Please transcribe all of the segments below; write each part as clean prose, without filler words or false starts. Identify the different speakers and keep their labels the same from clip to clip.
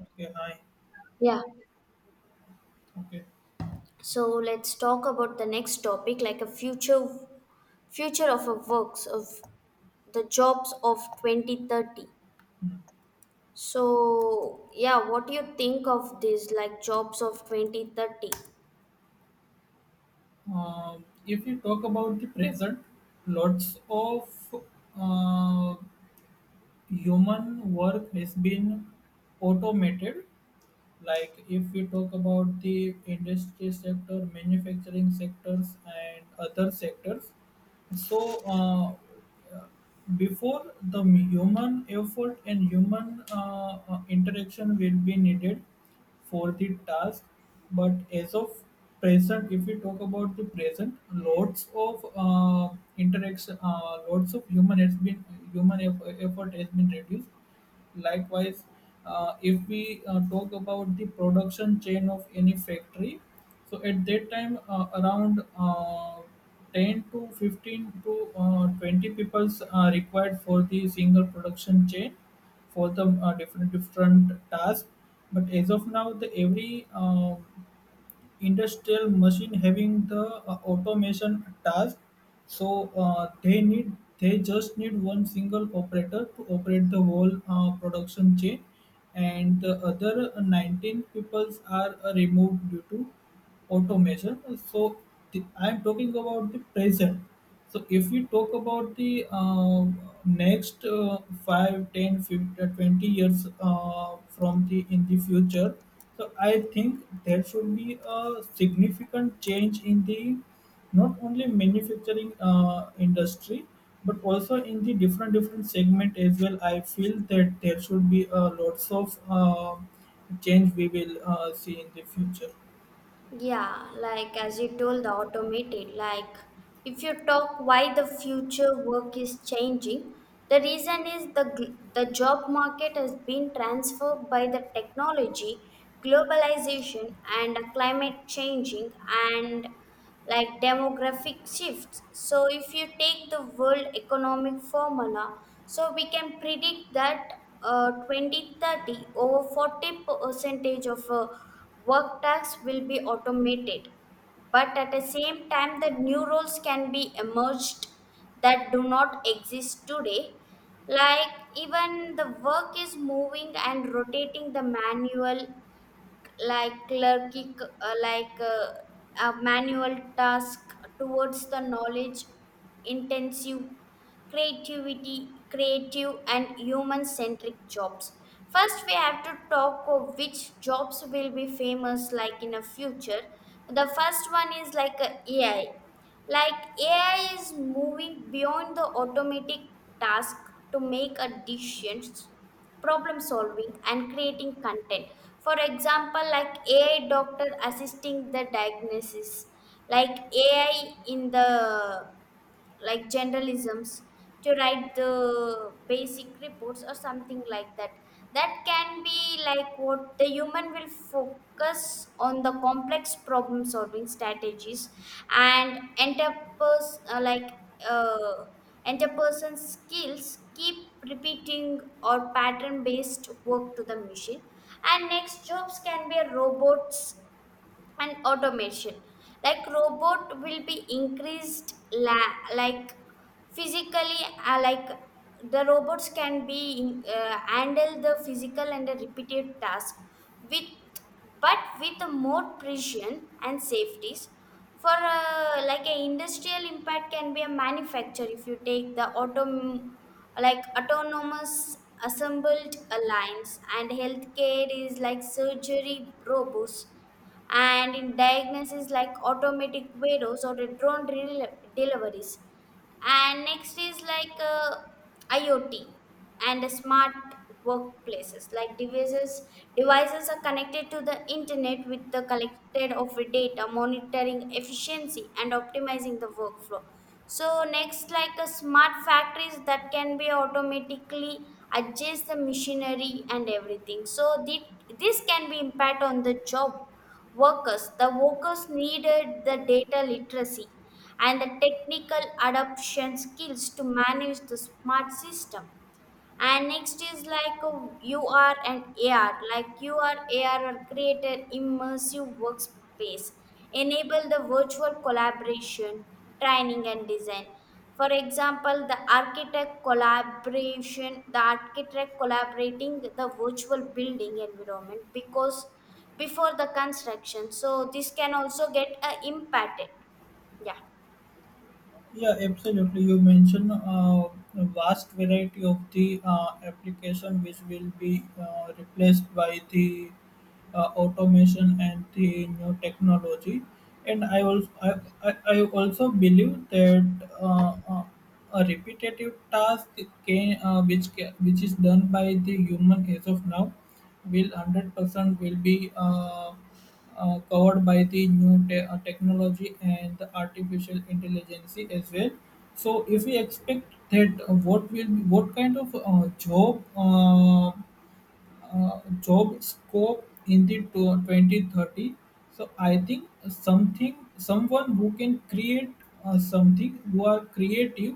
Speaker 1: Okay, hi.
Speaker 2: Yeah.
Speaker 1: Okay.
Speaker 2: So let's talk about the next topic, like a future future of a works of the jobs of 2030.
Speaker 1: Hmm.
Speaker 2: So yeah, what do you think of this like jobs of 2030?
Speaker 1: If you talk about the present, lots of uh, human work has been automated. Like if we talk about the industry sector, manufacturing sectors, and other sectors. So, before the human effort and human interaction will be needed for the task, but as of present, if we talk about the present, lots of interaction, lots of human effort has been reduced. Likewise, if we talk about the production chain of any factory, so at that time, around 10 to 15 to 20 peoples are required for the single production chain for the different different tasks. But as of now, the every industrial machine having the automation task, so they just need one single operator to operate the whole production chain, and the other 19 peoples are removed due to automation. So I'm talking about the present. So if we talk about the next 5, 10, 15, 20 years from the in the future, so I think there should be a significant change in the not only manufacturing industry but also in the different different segment as well. I feel that there should be lots of change we will see in the future.
Speaker 2: Yeah, like as you told, the automated. Like, if you talk why the future work is changing, the reason is the job market has been transformed by the technology, globalization, and climate changing, and like demographic shifts. So, if you take the world economic formula, so we can predict that 2030 over 40% percentage of work tasks will be automated. But at the same time, the new roles can be emerged that do not exist today. Like even the work is moving and rotating the manual like clergy, like a manual task towards the knowledge intensive creativity, creative, and human centric jobs. First, we have to talk of which jobs will be famous like in the future. The first one is like a AI. Like AI is moving beyond the automatic task to make a decisions, problem solving and creating content. For example, like AI doctor assisting the diagnosis, like AI in the like generalisms to write the basic reports or something like that. That can be like what the human will focus on the complex problem solving strategies and enterpers, like uh, interpersonal skills, keep repeating or pattern based work to the machine. And next jobs can be robots and automation. Like robot will be increased like physically, like the robots can be handle the physical and the repetitive task with, but with a more precision and safeties for, like a industrial impact can be a manufacture. If you take the auto, like autonomous assembled lines, and healthcare is like surgery robots, and in diagnosis like automatic videos or the drone deliveries. And next is like IoT and the smart workplaces, like devices. Devices are connected to the internet with the collected of the data, monitoring efficiency and optimizing the workflow. So next, like a smart factories that can be automatically adjust the machinery and everything. So this can be impact on the job workers. The workers needed the data literacy and the technical adoption skills to manage the smart system. And next is like a U R and AR. Like URAR, are created immersive workspace, enable the virtual collaboration, training and design. For example, the architect collaboration, the architect collaborating the virtual building environment because before the construction. So this can also get impacted. Yeah.
Speaker 1: Yeah, absolutely. You mentioned a vast variety of the application which will be replaced by the automation and the new technology. And I also believe that uh, uh, a repetitive task which is done by the human as of now will 100% will be covered by the new technology and the artificial intelligence as well. So if we expect that what kind of job scope in the 2030, so I think something someone who can create something who are creative,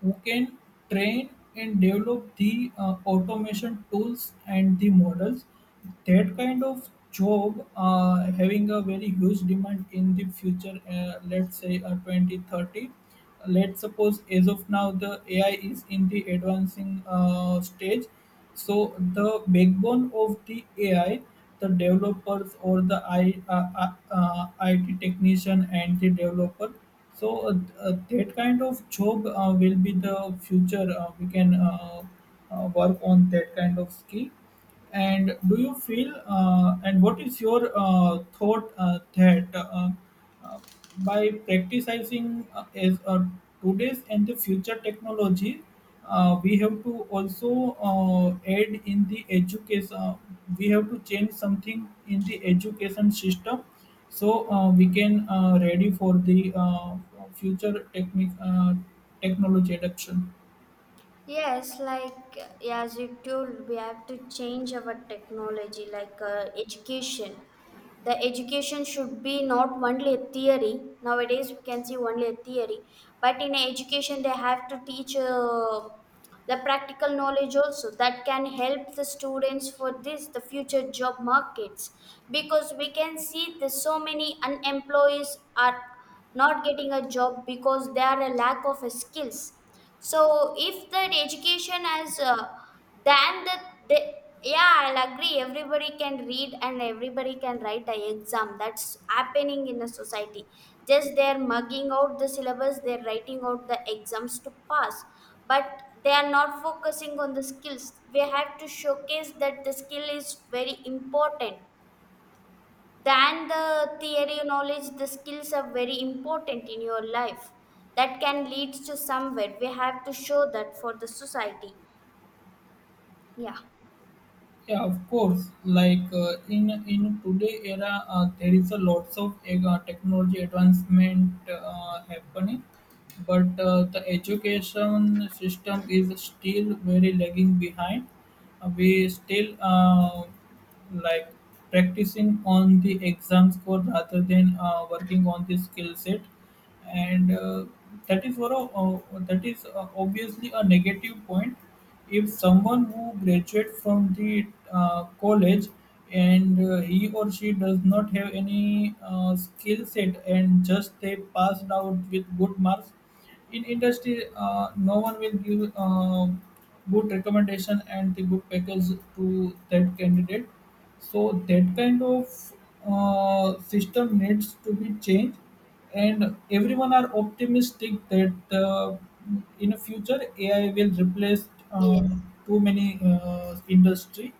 Speaker 1: who can train and develop the automation tools and the models. That kind of job having a very huge demand in the future, let's say 2030. Let's suppose as of now the AI is in the advancing stage, so the backbone of the AI, the developers or the IT technician and the developer. So that kind of job will be the future. We can work on that kind of skill. And do you feel? And what is your thought that? Uh, by practicing as today's and the future technology, we have to also uh, add in the education. We have to change something in the education system, so we can ready for the future technic technology adoption.
Speaker 2: Yes, like as you told, we have to change our technology, like education. The education should be not only a theory. Nowadays, we can see only a theory, but in education, they have to teach the practical knowledge also that can help the students for this the future job markets, because we can see the so many unemployees are not getting a job because there are a lack of skills. So if that education as than the, yeah, I'll agree. Everybody can read and everybody can write a exam. That's happening in a society. Just they're mugging out the syllabus, they're writing out the exams to pass, but they are not focusing on the skills. We have to showcase that the skill is very important than the theory knowledge. The skills are very important in your life. That can lead to somewhere. We have to show that for the society. Yeah.
Speaker 1: Yeah, of course. Like in today era, there is a lots of technology advancement happening, but the education system is still very lagging behind. We still like practicing on the exam score rather than working on the skill set, and that is for a, uh, that is obviously a negative point. If someone who graduates from the college and he or she does not have any skill set and just they passed out with good marks, in industry no one will give good recommendation and the good package to that candidate. So that kind of system needs to be changed, and everyone are optimistic that in future AI will replace um,
Speaker 2: Yes.
Speaker 1: too many industry.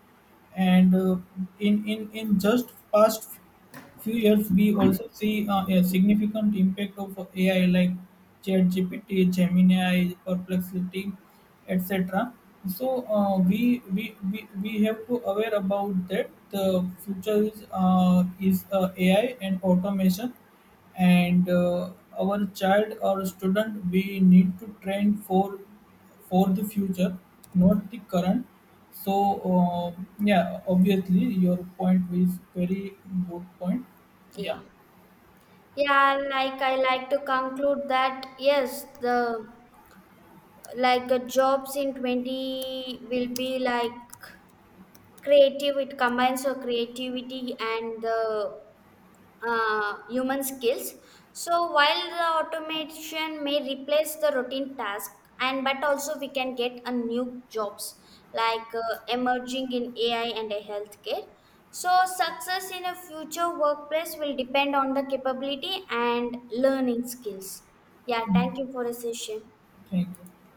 Speaker 1: And in just past few years, we also see a significant impact of AI like ChatGPT, Gemini, Perplexity, etc. So we have to aware about that. The future is AI and automation, and our child or student we need to train for the future, not the current. So yeah, obviously your point is very good point. Yeah.
Speaker 2: Yeah. Yeah, like I like to conclude that yes, the like the jobs in 20 will be like creative. It combines your creativity and the human skills. So while the automation may replace the routine task, and but also we can get a new jobs like emerging in AI and a healthcare. So success in a future workplace will depend on the capability and learning skills. Yeah,
Speaker 1: Mm.
Speaker 2: thank you for the session.
Speaker 1: Thank you.